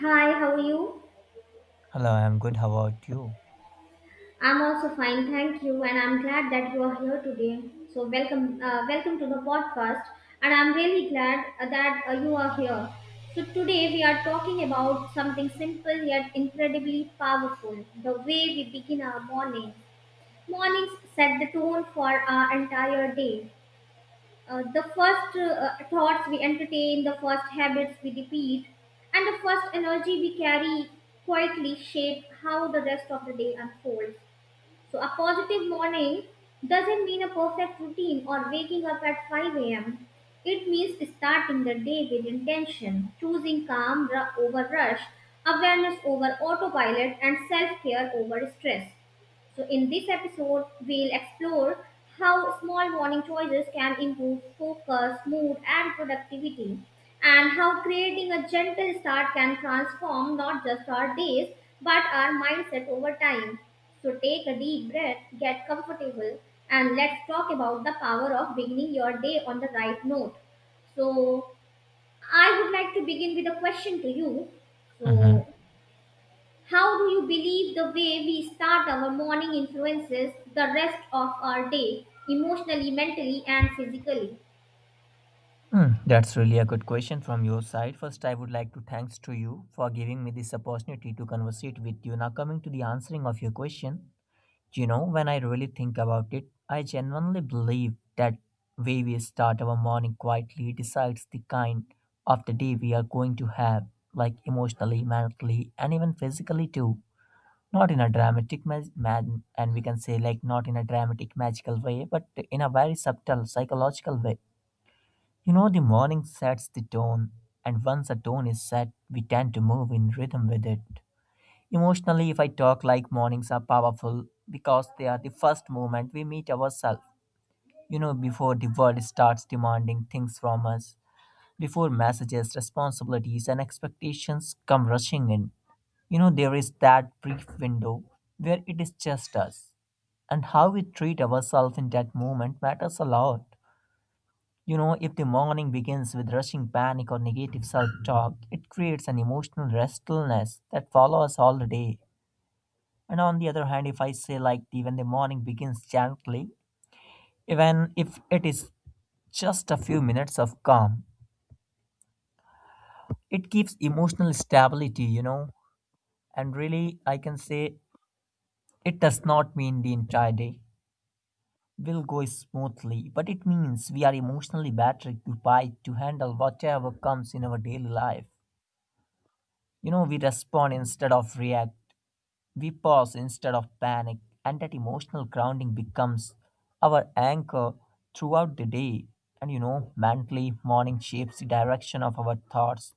Hi, how are you? Hello, I'm good. How about you? I'm also fine, thank you, and I'm glad that you are here today. So welcome, welcome to the podcast, and I'm really glad that you are here. So today we are talking about something simple yet incredibly powerful: the way we begin our morning. Mornings set the tone for our entire day. The first thoughts we entertain, the first habits we repeat, and the first energy we carry quietly shape how the rest of the day unfolds. So a positive morning doesn't mean a perfect routine or waking up at 5 a.m. It means starting the day with intention, choosing calm over rush, awareness over autopilot, and self care over stress. So in this episode, we'll explore how small morning choices can improve focus, mood, and productivity, and how creating a gentle start can transform not just our days but our mindset over time. So take a deep breath, get comfortable, and let's talk about the power of beginning your day on the right note. So I would like to begin with a question to you. hmm So how do you believe the way we start our morning influences the rest of our day, emotionally, mentally, and physically? that's really a good question from your side. First, I would like to thanks to you for giving me this opportunity to conversate with you. Now, coming to the answering of your question, you know, when I really think about it, I genuinely believe that way we start our morning quietly decides the kind of the day we are going to have, like emotionally, mentally, and even physically too. Not in a dramatic and we can say like not in a dramatic magical way but in a very subtle psychological way. You know, the morning sets the tone, and once a tone is set we tend to move in rhythm with it. Emotionally if I talk, like mornings are powerful because they are the first moment we meet ourselves, you know, before the world starts demanding things from us, before messages, responsibilities and expectations come rushing in. You know, there is that brief window where it is just us, and how we treat ourselves in that moment matters a lot. You know, if the morning begins with rushing panic or negative self talk, it creates an emotional restlessness that follows all the day. And on the other hand, if I say, like, the, when the morning begins gently, even if it is just a few minutes of calm, it gives emotional stability, you know, and really, I can say it does not mean the entire day will go smoothly, but it means we are emotionally better equipped to handle whatever comes in our daily life. You know, we respond instead of react, we pause instead of panic, and that emotional grounding becomes our anchor throughout the day. And you know, mentally, morning shapes the direction of our thoughts,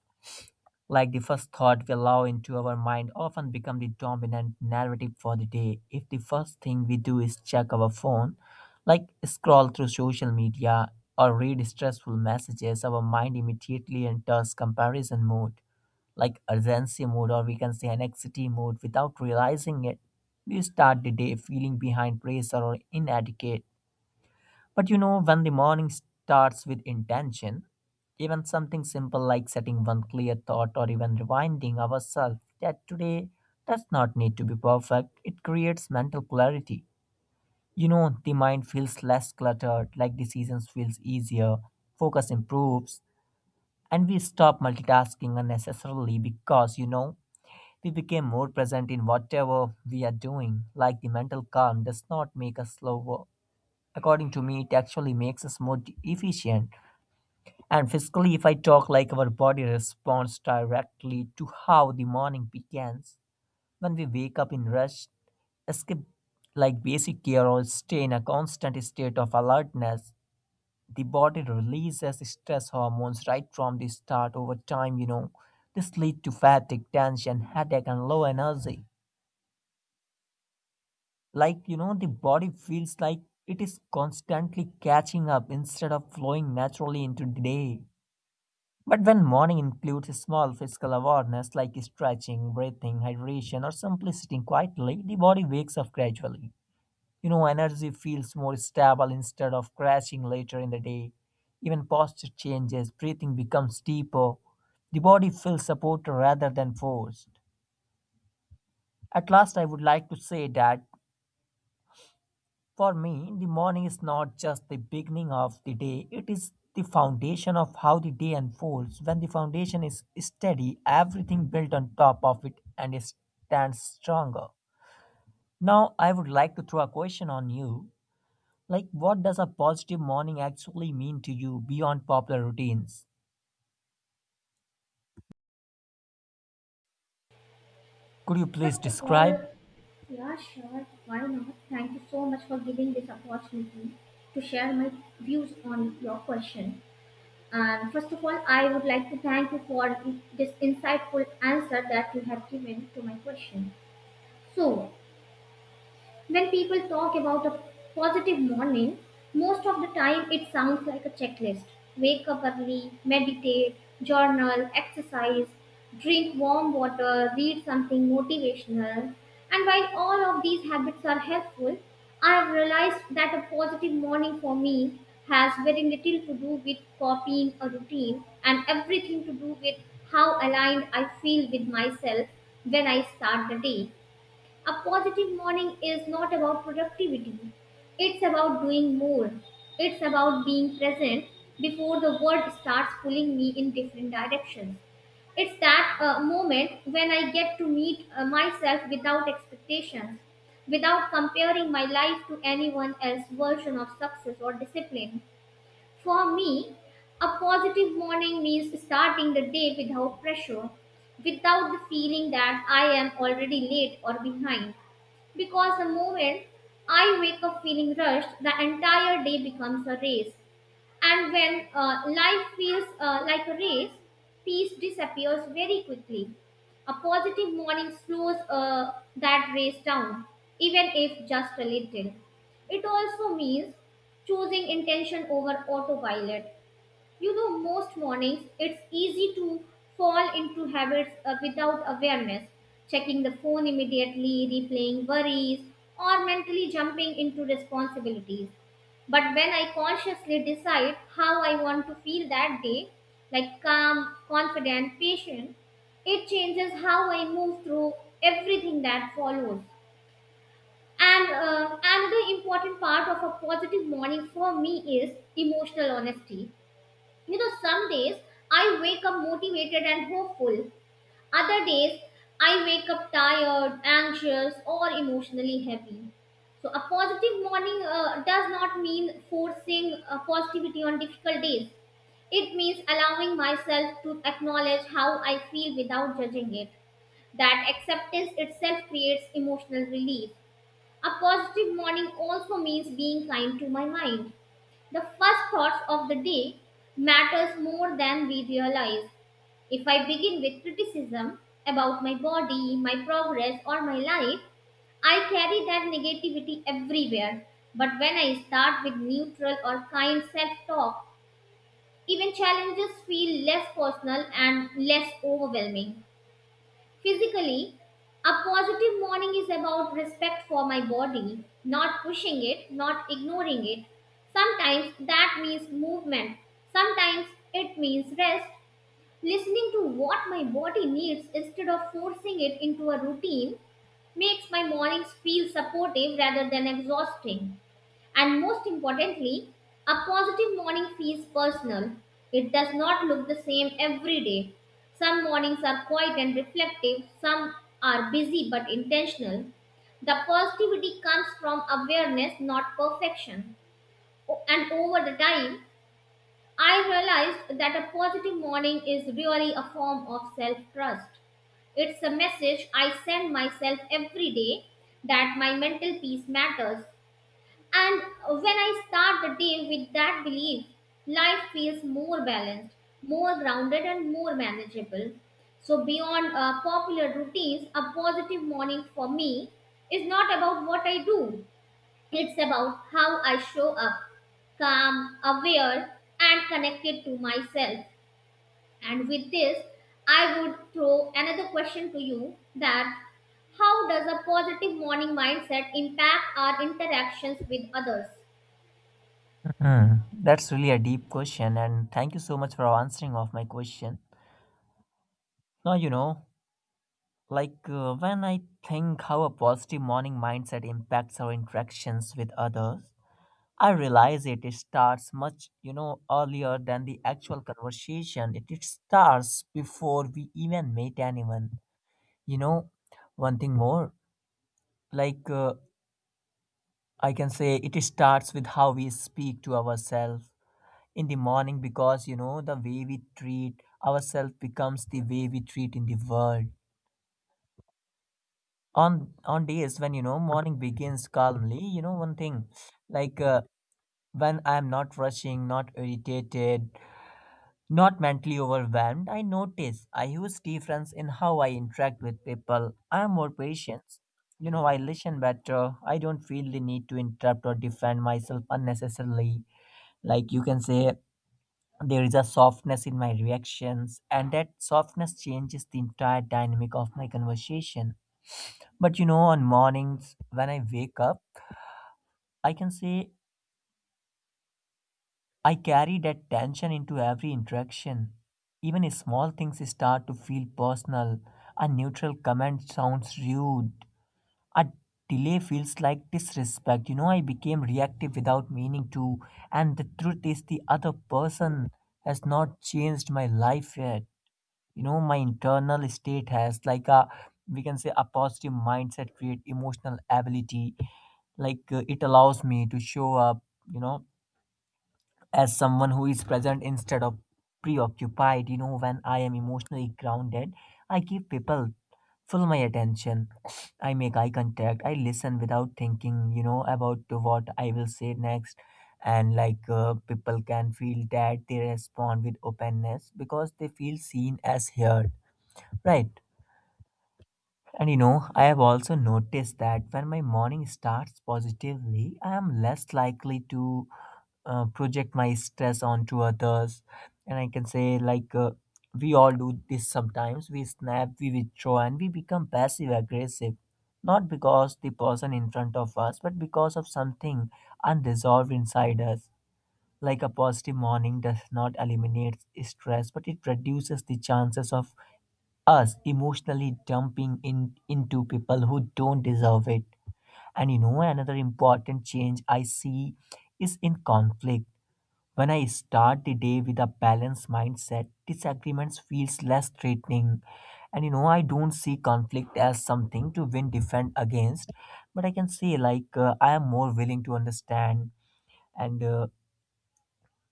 like the first thought we allow into our mind often become the dominant narrative for the day. If the first thing we do is check our phone, like scroll through social media or read stressful messages, our mind immediately enters comparison mode, like urgency mode, or we can say anxiety mode without realizing it. We start the day feeling behind, pressure, or inadequate. But you know, when the morning starts with intention, even something simple like setting one clear thought or even reminding ourselves that today does not need to be perfect, it creates mental clarity. You know, the mind feels less cluttered, like decisions feels easier, focus improves, and we stop multitasking unnecessarily because, you know, we became more present in whatever we are doing, like the mental calm does not make us slower. According to me, it actually makes us more efficient. And physically, if I talk like our body responds directly to how the morning begins, when we wake up in rush, skip like basic care or stay in a constant state of alertness, the body releases stress hormones right from the start over time, you know. This leads to fatigue, tension, headache, and low energy. Like, you know, the body feels like it is constantly catching up instead of flowing naturally into the day. But when morning includes a small physical awareness like stretching, breathing, hydration, or simply sitting quietly, the body wakes up gradually. You know, energy feels more stable instead of crashing later in the day. Even posture changes, breathing becomes deeper. The body feels supported rather than forced. At last, I would like to say that for me, the morning is not just the beginning of the day, it is the foundation of how the day unfolds. When the foundation is steady, everything built on top of it and it stands stronger. Now, I would like to throw a question on you. Like, what does a positive morning actually mean to you beyond popular routines? Could you please First of all, describe? yeah, sure, why not? Thank you so much for giving this opportunity to share my views on your question. And first of all, I would like to thank you for this insightful answer that you have given to my question. So when people talk about a positive morning, most of the time it sounds like a checklist. Wake up early, meditate, journal, exercise, drink warm water, read something motivational. And while all of these habits are helpful, I have realized that a positive morning for me has very little to do with copying a routine and everything to do with how aligned I feel with myself when I start the day. A positive morning is not about productivity. It's about doing more. It's about being present before the world starts pulling me in different directions. It's that moment when I get to meet myself without expectations, without comparing my life to anyone else's version of success or discipline. For me, a positive morning means starting the day without pressure, without the feeling that I am already late or behind, because the moment I wake up feeling rushed, the entire day becomes a race. And when life feels like a race, peace disappears very quickly. A positive morning slows that race down, even if just a little. It also means choosing intention over autopilot. You know, most mornings it's easy to fall into habits without awareness, checking the phone immediately, replaying worries, or mentally jumping into responsibilities. But when I consciously decide how I want to feel that day, like calm, confident, patient, it changes how I move through everything that follows. And another important part of a positive morning for me is emotional honesty. You know, some days I wake up motivated and hopeful. Other days I wake up tired, anxious, or emotionally heavy. So a positive morning does not mean forcing positivity on difficult days. It means allowing myself to acknowledge how I feel without judging it. That acceptance itself creates emotional relief. A positive morning also means being kind to my mind. The first thoughts of the day matters more than we realize. If I begin with criticism about my body, my progress or my life, I carry that negativity everywhere. But when I start with neutral or kind self-talk, even challenges feel less personal and less overwhelming. Physically, a positive morning is about respect for my body, not pushing it, not ignoring it. Sometimes that means movement, sometimes it means rest. Listening to what my body needs instead of forcing it into a routine makes my mornings feel supportive rather than exhausting. And most importantly, a positive morning feels personal. It does not look the same every day. Some mornings are quiet and reflective, some are busy but intentional. The positivity comes from awareness, not perfection. And over the time, I realized that a positive morning is really a form of self trust. It's a message I send myself every day that my mental peace matters, and when I start the day with that belief, life feels more balanced, more grounded, and more manageable. So beyond popular routines, a positive morning for me is not about what I do, it's about how I show up, calm, aware, and connected to myself. And with this, I would throw another question to you: that how does a positive morning mindset impact our interactions with others? Hmm, that's really a deep question, and thank you so much for answering of my question. Now you know, like when I think how a positive morning mindset impacts our interactions with others, I realize it starts much, you know, earlier than the actual conversation. It starts before we even meet anyone. You know, one thing more, like I can say it starts with how we speak to ourselves in the morning because, you know, the way we treat ourselves becomes the way we treat in the world on days when, you know, morning begins calmly. You know, one thing, like when I am not rushing, not irritated, not mentally overwhelmed, I notice a huge difference in how I interact with people. I am more patient, you know, I listen better, I don't feel the need to interrupt or defend myself unnecessarily, like you can say there is a softness in my reactions and that softness changes the entire dynamic of my conversation. But you know, on mornings when I wake up, I can say I carry that tension into every interaction. Even if small things start to feel personal. A neutral comment sounds rude. A delay feels like disrespect. You know, I became reactive without meaning to. And the truth is, the other person has not changed my life yet. You know, my internal state has, like, a, we can say a positive mindset create emotional ability, like it allows me to show up, you know, as someone who is present instead of preoccupied. You know, when I am emotionally grounded I give people full my attention, I make eye contact, I listen without thinking, you know, about to what I will say next. And like people can feel that, they respond with openness because they feel seen as heard. Right. And you know, I have also noticed that when my morning starts positively, I am less likely to project my stress onto others. And I can say, like, we all do this sometimes. We snap, we withdraw, and we become passive aggressive. Not because the person in front of us, but because of something unresolved inside us. Like a positive morning does not eliminate stress, but it reduces the chances of us emotionally dumping in into people who don't deserve it. And you know, another important change I see is in conflict. When I start the day with a balanced mindset, disagreements feels less threatening, and you know, I don't see conflict as something to win defend against, but I can say like I am more willing to understand, and uh,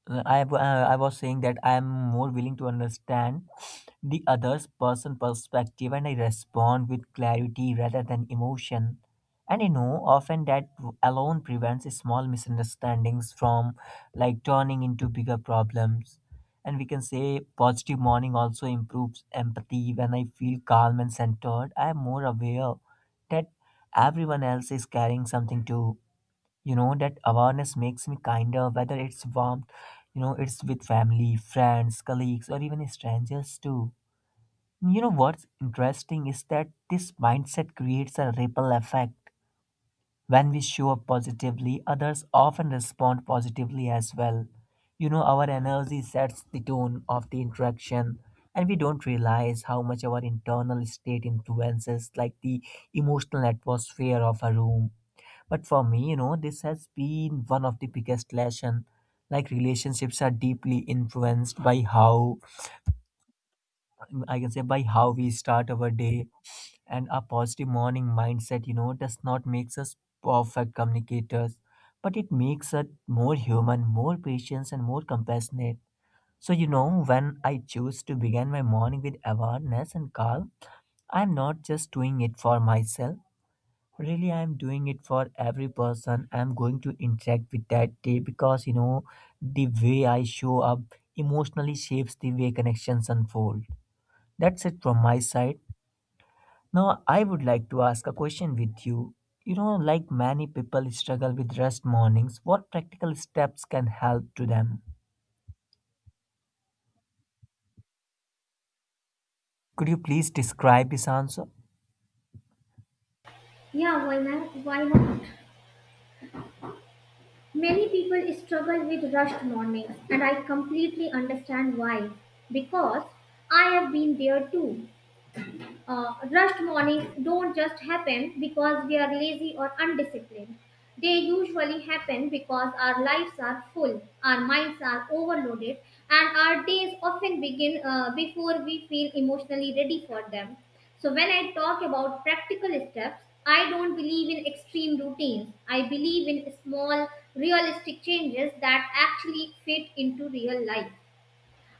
uh, I w- uh, I was saying that I am more willing to understand the other's person perspective and I respond with clarity rather than emotion. And I know often that alone prevents small misunderstandings from like turning into bigger problems. And we can say positive morning also improves empathy. When I feel calm and centered, I am more aware that everyone else is carrying something too. You know, that awareness makes me kinder, whether it's warmth, you know, it's with family, friends, colleagues, or even strangers too. You know, what's interesting is that this mindset creates a ripple effect. When we show up positively, others often respond positively as well. You know, our energy sets the tone of the interaction, and we don't realize how much our internal state influences like the emotional atmosphere of a room. But for me, you know, this has been one of the biggest lesson. Like relationships are deeply influenced by how, I can say by how we start our day, and a positive morning mindset, you know, does not makes us perfect communicators, but it makes us more human, more patient, and more compassionate. So you know, when I choose to begin my morning with awareness and calm, I'm not just doing it for myself. Really, I'm doing it for every person I'm going to interact with that day because, you know, the way I show up emotionally shapes the way connections unfold. That's it from my side. Now I would like to ask a question with you. You know, like many people struggle with rest mornings, what practical steps can help to them? Could you please describe this answer? Yeah, why not? Why not? Many people struggle with rushed mornings, and I completely understand why. Because I have been there too. Rushed mornings don't just happen because we are lazy or undisciplined. They usually happen because our lives are full, our minds are overloaded, and our days often begin before we feel emotionally ready for them. So when I talk about practical steps, I don't believe in extreme routines. I believe in small, realistic changes that actually fit into real life.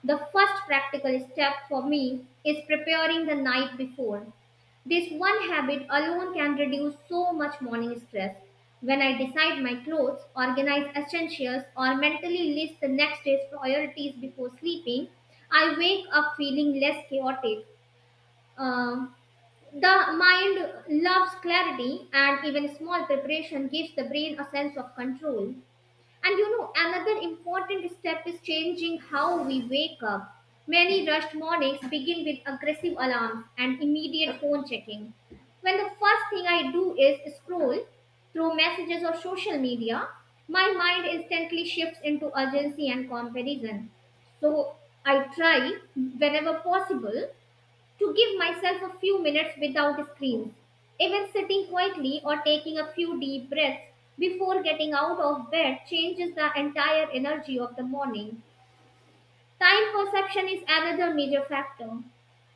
The first practical step for me is preparing the night before. This one habit alone can reduce so much morning stress. When I decide my clothes, organize essentials, or mentally list the next day's priorities before sleeping, I wake up feeling less chaotic. Um, the mind loves clarity, and even small preparation gives the brain a sense of control. And you know, another important step is changing how we wake up. Many rushed mornings begin with aggressive alarms and immediate phone checking. When the first thing I do is scroll through messages or social media, my mind instantly shifts into urgency and comparison. So I try, whenever possible, to give myself a few minutes without screens. Even sitting quietly or taking a few deep breaths before getting out of bed changes the entire energy of the morning. Time perception is another major factor.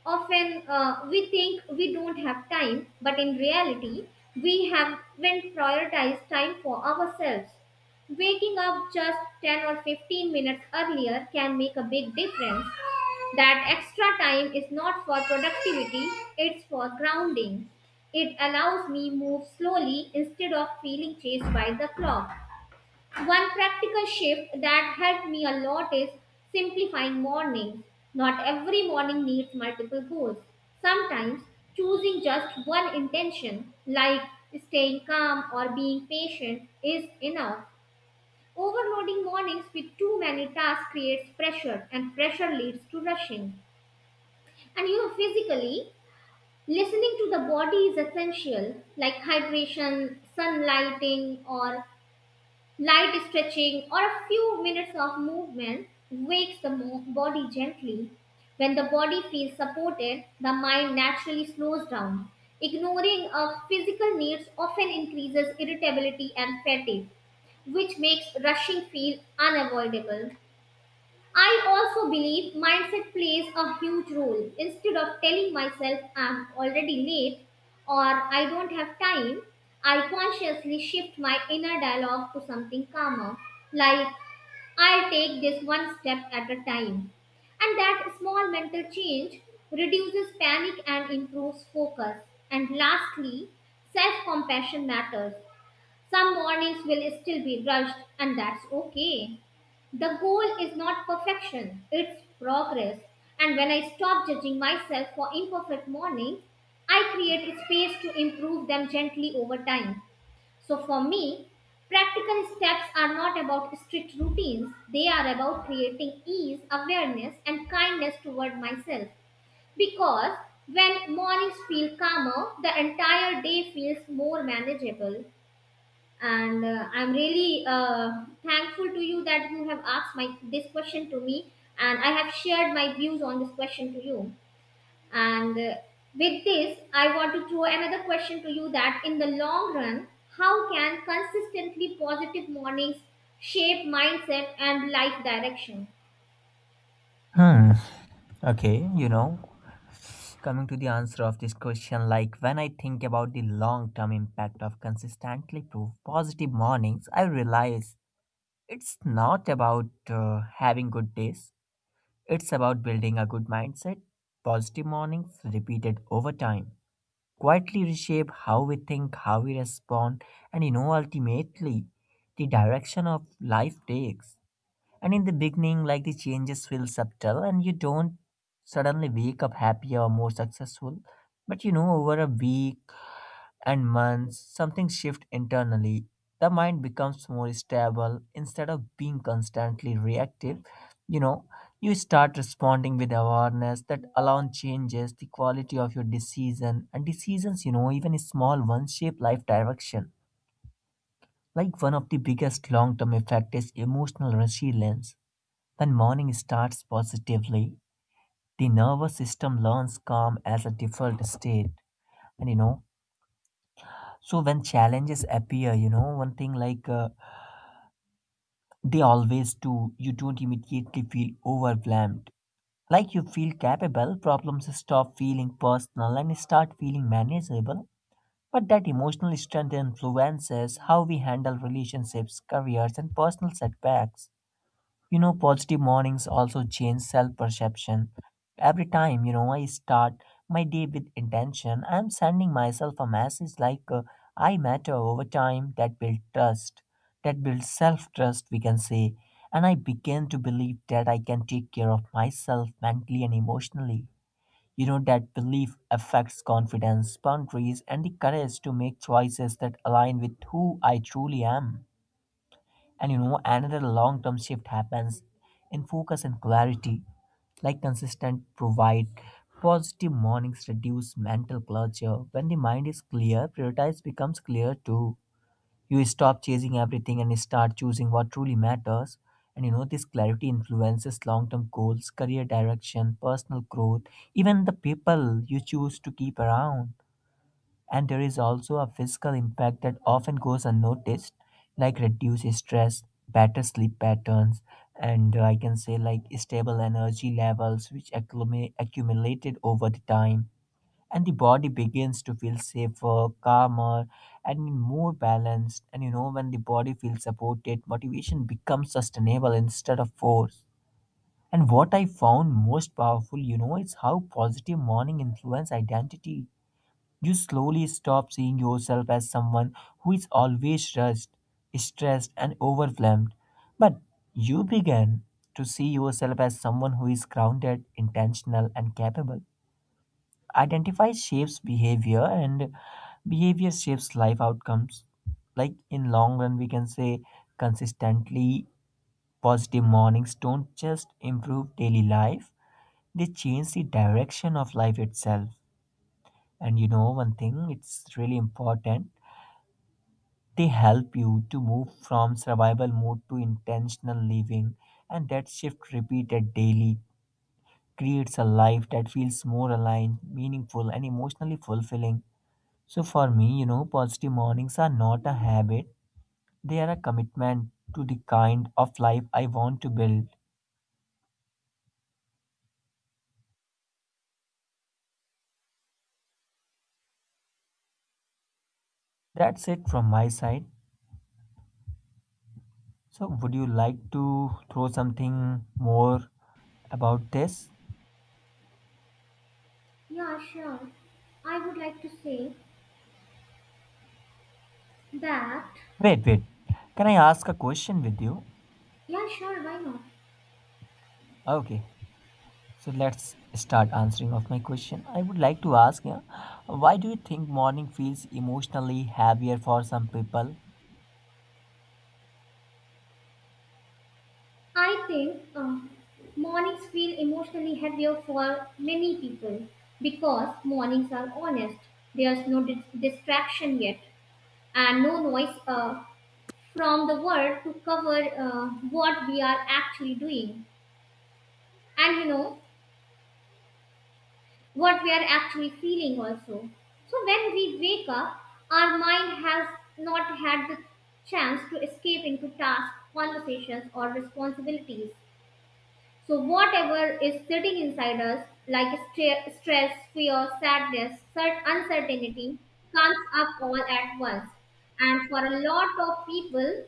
Often we think we don't have time, but in reality, we haven't prioritized time for ourselves. Waking up just 10 or 15 minutes earlier can make a big difference. That extra time is not for productivity, it's for grounding. It allows me move slowly instead of feeling chased by the clock. One practical shift that helped me a lot is simplifying mornings. Not every morning needs multiple goals. Sometimes choosing just one intention, like staying calm or being patient, is enough. Overloading mornings with too many tasks creates pressure, and pressure leads to rushing. And you know, physically, listening to the body is essential, like hydration, sunlighting, or light stretching, or a few minutes of movement wakes the body gently. When the body feels supported, the mind naturally slows down. Ignoring of physical needs often increases irritability and fatigue, which makes rushing feel unavoidable. I also believe mindset plays a huge role. Instead of telling myself I'm already late or I don't have time, I consciously shift my inner dialogue to something calmer, like I'll take this one step at a time. And that small mental change reduces panic and improves focus. And lastly, self compassion matters. Some mornings will still be rushed, and that's okay. The goal is not perfection, it's progress. And when I stop judging myself for imperfect mornings, I create space to improve them gently over time. So for me, practical steps are not about strict routines, they are about creating ease, awareness, and kindness toward myself. Because when mornings feel calmer, the entire day feels more manageable. And I'm really thankful to you that you have asked my this question to me, and I have shared my views on this question to you. And with this I want to throw another question to you: that in the long run, how can consistently positive mornings shape mindset and life direction? hmm okay you know, coming to the answer of this question, like when I think about the long term impact of consistently proof positive mornings, I realize it's not about having good days, it's about building a good mindset. Positive mornings repeated over time quietly reshape how we think, how we respond, and you know, ultimately, the direction of life takes. And in the beginning, like the changes feel subtle and you don't suddenly wake up happier or more successful. But you know, over a week and months, something shifts internally. The mind becomes more stable instead of being constantly reactive. You know, you start responding with awareness that alone changes the quality of your decision and decisions, you know, even small ones shape life direction. Like one of the biggest long term effect is emotional resilience when morning starts positively, the nervous system learns calm as a default state. And you know, so when challenges appear, you know, one thing like they always do, you don't immediately feel overwhelmed. Like you feel capable, problems stop feeling personal and start feeling manageable. But that emotional strength influences how we handle relationships, careers, and personal setbacks. You know, positive mornings also change self perception. Every time, you know, I start my day with intention, I'm sending myself a message like I matter over time that builds trust, that builds self trust, we can say. And I begin to believe that I can take care of myself mentally and emotionally. You know, that belief affects confidence, boundaries, and the courage to make choices that align with who I truly am. And you know, another long term shift happens in focus and clarity. Like consistent provide positive mornings reduce mental clutter. When the mind is clear, prioritize becomes clear too. You stop chasing everything and start choosing what truly matters. And you know, this clarity influences long term goals, career direction, personal growth, even the people you choose to keep around. And there is also a physical impact that often goes unnoticed, like reduced stress, better sleep patterns, and I can say like stable energy levels, which accumulated over the time. And the body begins to feel safer, calmer, and more balanced. And you know, when the body feels supported, motivation becomes sustainable instead of force. And what I found most powerful, you know, is how positive morning influence identity, you slowly stop seeing yourself as someone who is always rushed, stressed, and overwhelmed. But you begin to see yourself as someone who is grounded, intentional, and capable. Identify shapes behavior, and behavior shapes life outcomes. Like in long run, we can say consistently positive mornings don't just improve daily life; they change the direction of life itself. And you know one thing, it's really important. They help you to move from survival mode to intentional living, and that shift repeated daily creates a life that feels more aligned, meaningful, and emotionally fulfilling. So, for me, you know, positive mornings are not a habit, they are a commitment to the kind of life I want to build. That's it from my side. So, would you like to throw something more about this? Yeah, sure, I would like to say that. Wait, wait. Can I ask a question with you? Yeah, sure, why not? Okay. So let's start answering of my question. I would like to ask, yeah, why do you think morning feels emotionally heavier for some people? I think mornings feel emotionally heavier for many people because mornings are honest. There's no distraction yet and no noise from the world to cover what we are actually doing, and you know, what we are actually feeling also. So when we wake up, our mind has not had the chance to escape into tasks, conversations, or responsibilities. So whatever is sitting inside us, like stress, fear, sadness, uncertainty, comes up all at once. And for a lot of people,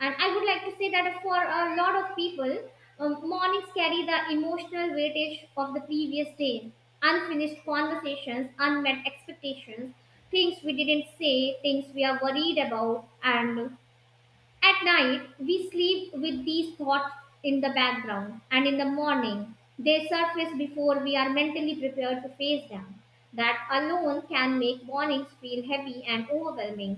and I would like to say that for a lot of people, mornings carry the emotional weightage of the previous day, unfinished conversations, unmet expectations, things we didn't say, things we are worried about, and at night, we sleep with these thoughts in the background, and in the morning, they surface before we are mentally prepared to face them. That alone can make mornings feel heavy and overwhelming.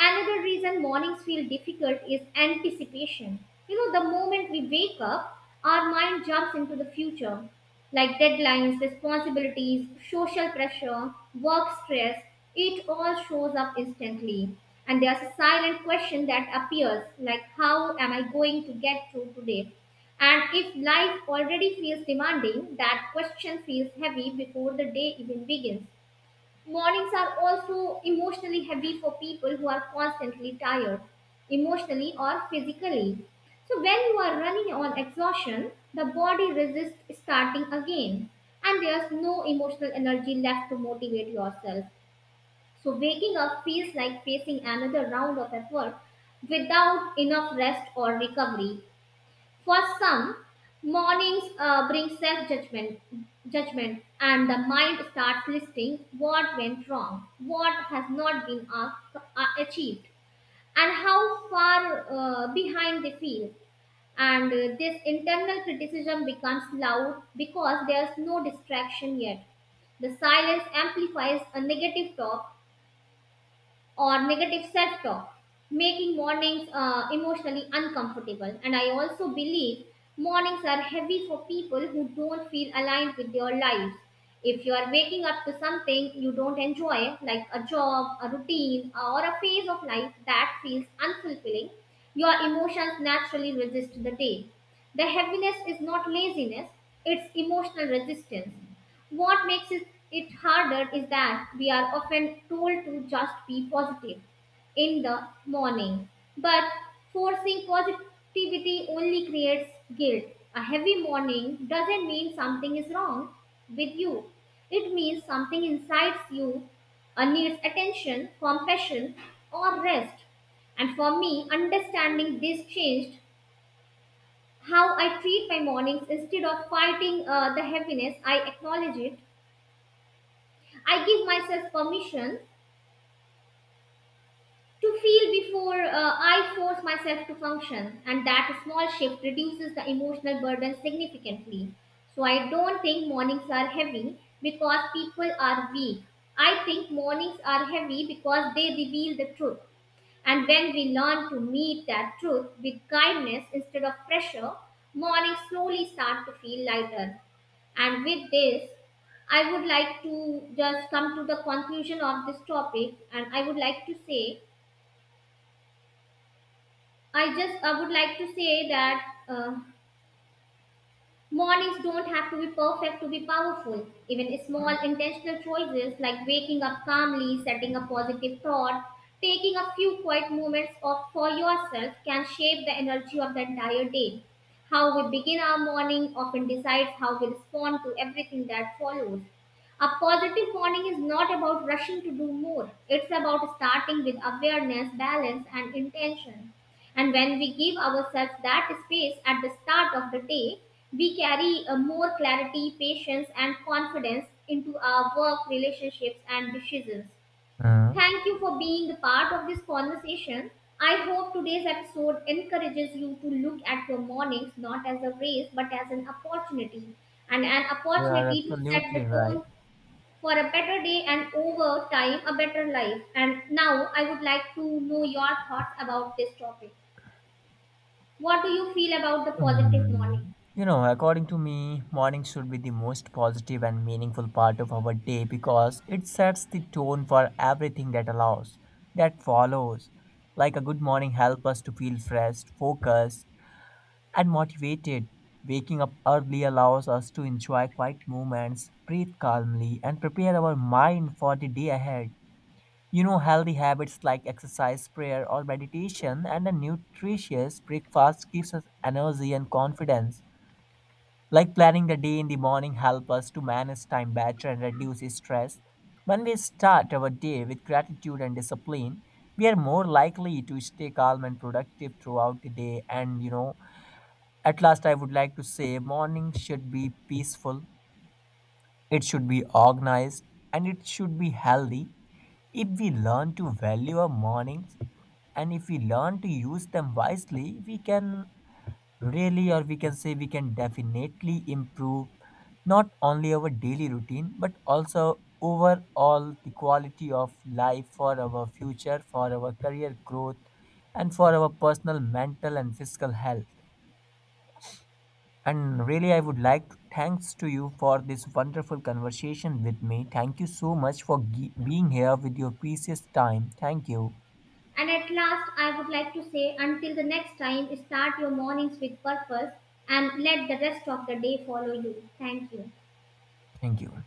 Another reason mornings feel difficult is anticipation. You know, the moment we wake up, our mind jumps into the future, like deadlines, responsibilities, social pressure, work stress. It all shows up instantly. And there's a silent question that appears, like, how am I going to get through today? And if life already feels demanding, that question feels heavy before the day even begins. Mornings are also emotionally heavy for people who are constantly tired, emotionally or physically. So, when you are running on exhaustion, the body resists starting again, and there's no emotional energy left to motivate yourself. So, waking up feels like facing another round of effort without enough rest or recovery. For some, mornings bring self judgment, judgment, and the mind starts listing what went wrong, what has not been achieved, and how far behind they feel. And this internal criticism becomes loud because there's no distraction yet. The silence amplifies a negative talk or negative self talk, making mornings emotionally uncomfortable. And I also believe mornings are heavy for people who don't feel aligned with their lives. If you are waking up to something you don't enjoy, like a job, a routine, or a phase of life that feels unfulfilling, your emotions naturally resist the day. The heaviness is not laziness, it's emotional resistance. What makes it harder is that we are often told to just be positive in the morning. But forcing positivity only creates guilt. A heavy morning doesn't mean something is wrong with you, it means something inside you needs attention, compassion, or rest. And for me, understanding this changed how I treat my mornings instead of fighting the heaviness. I acknowledge it. I give myself permission to feel before I force myself to function, and that small shift reduces the emotional burden significantly. So, I don't think mornings are heavy because people are weak. I think mornings are heavy because they reveal the truth. And when we learn to meet that truth with kindness instead of pressure, mornings slowly start to feel lighter. And with this, I would like to just come to the conclusion of this topic, and I would like to say, I would like to say that mornings don't have to be perfect to be powerful. Even small intentional choices like waking up calmly, setting a positive thought, taking a few quiet moments off for yourself can shape the energy of the entire day. How we begin our morning often decides how we respond to everything that follows. A positive morning is not about rushing to do more. It's about starting with awareness, balance, and intention. And when we give ourselves that space at the start of the day, we carry a more clarity, patience, and confidence into our work, relationships, and decisions. Uh, Thank you for being the part of this conversation. I hope today's episode encourages you to look at your mornings not as a race but as an opportunity and an You are opportunity to set the absolutely right. tone for a better day and over time a better life. And now I would like to know your thoughts about this topic. What do you feel about the positive morning? Mm. You know, according to me, morning should be the most positive and meaningful part of our day because it sets the tone for everything that allows, that follows. Like a good morning helps us to feel fresh, focused, and motivated. Waking up early allows us to enjoy quiet moments, breathe calmly, and prepare our mind for the day ahead. You know, healthy habits like exercise, prayer, or meditation, and a nutritious breakfast gives us energy and confidence. Like planning the day in the morning help us to manage time better and reduce stress. When we start our day with gratitude and discipline, we are more likely to stay calm and productive throughout the day. And you know, at last, I would like to say morning should be peaceful, it should be organized, and it should be healthy. If we learn to value our mornings and if we learn to use them wisely, we can really, or we can say, we can definitely improve not only our daily routine but also overall the quality of life for our future, for our career growth, and for our personal mental and physical health. And really, I would like to thanks to you for this wonderful conversation with me. Thank you so much for being here with your precious time. Thank you. And at last, I would like to say until the next time, start your mornings with purpose and let the rest of the day follow you. Thank you. Thank you.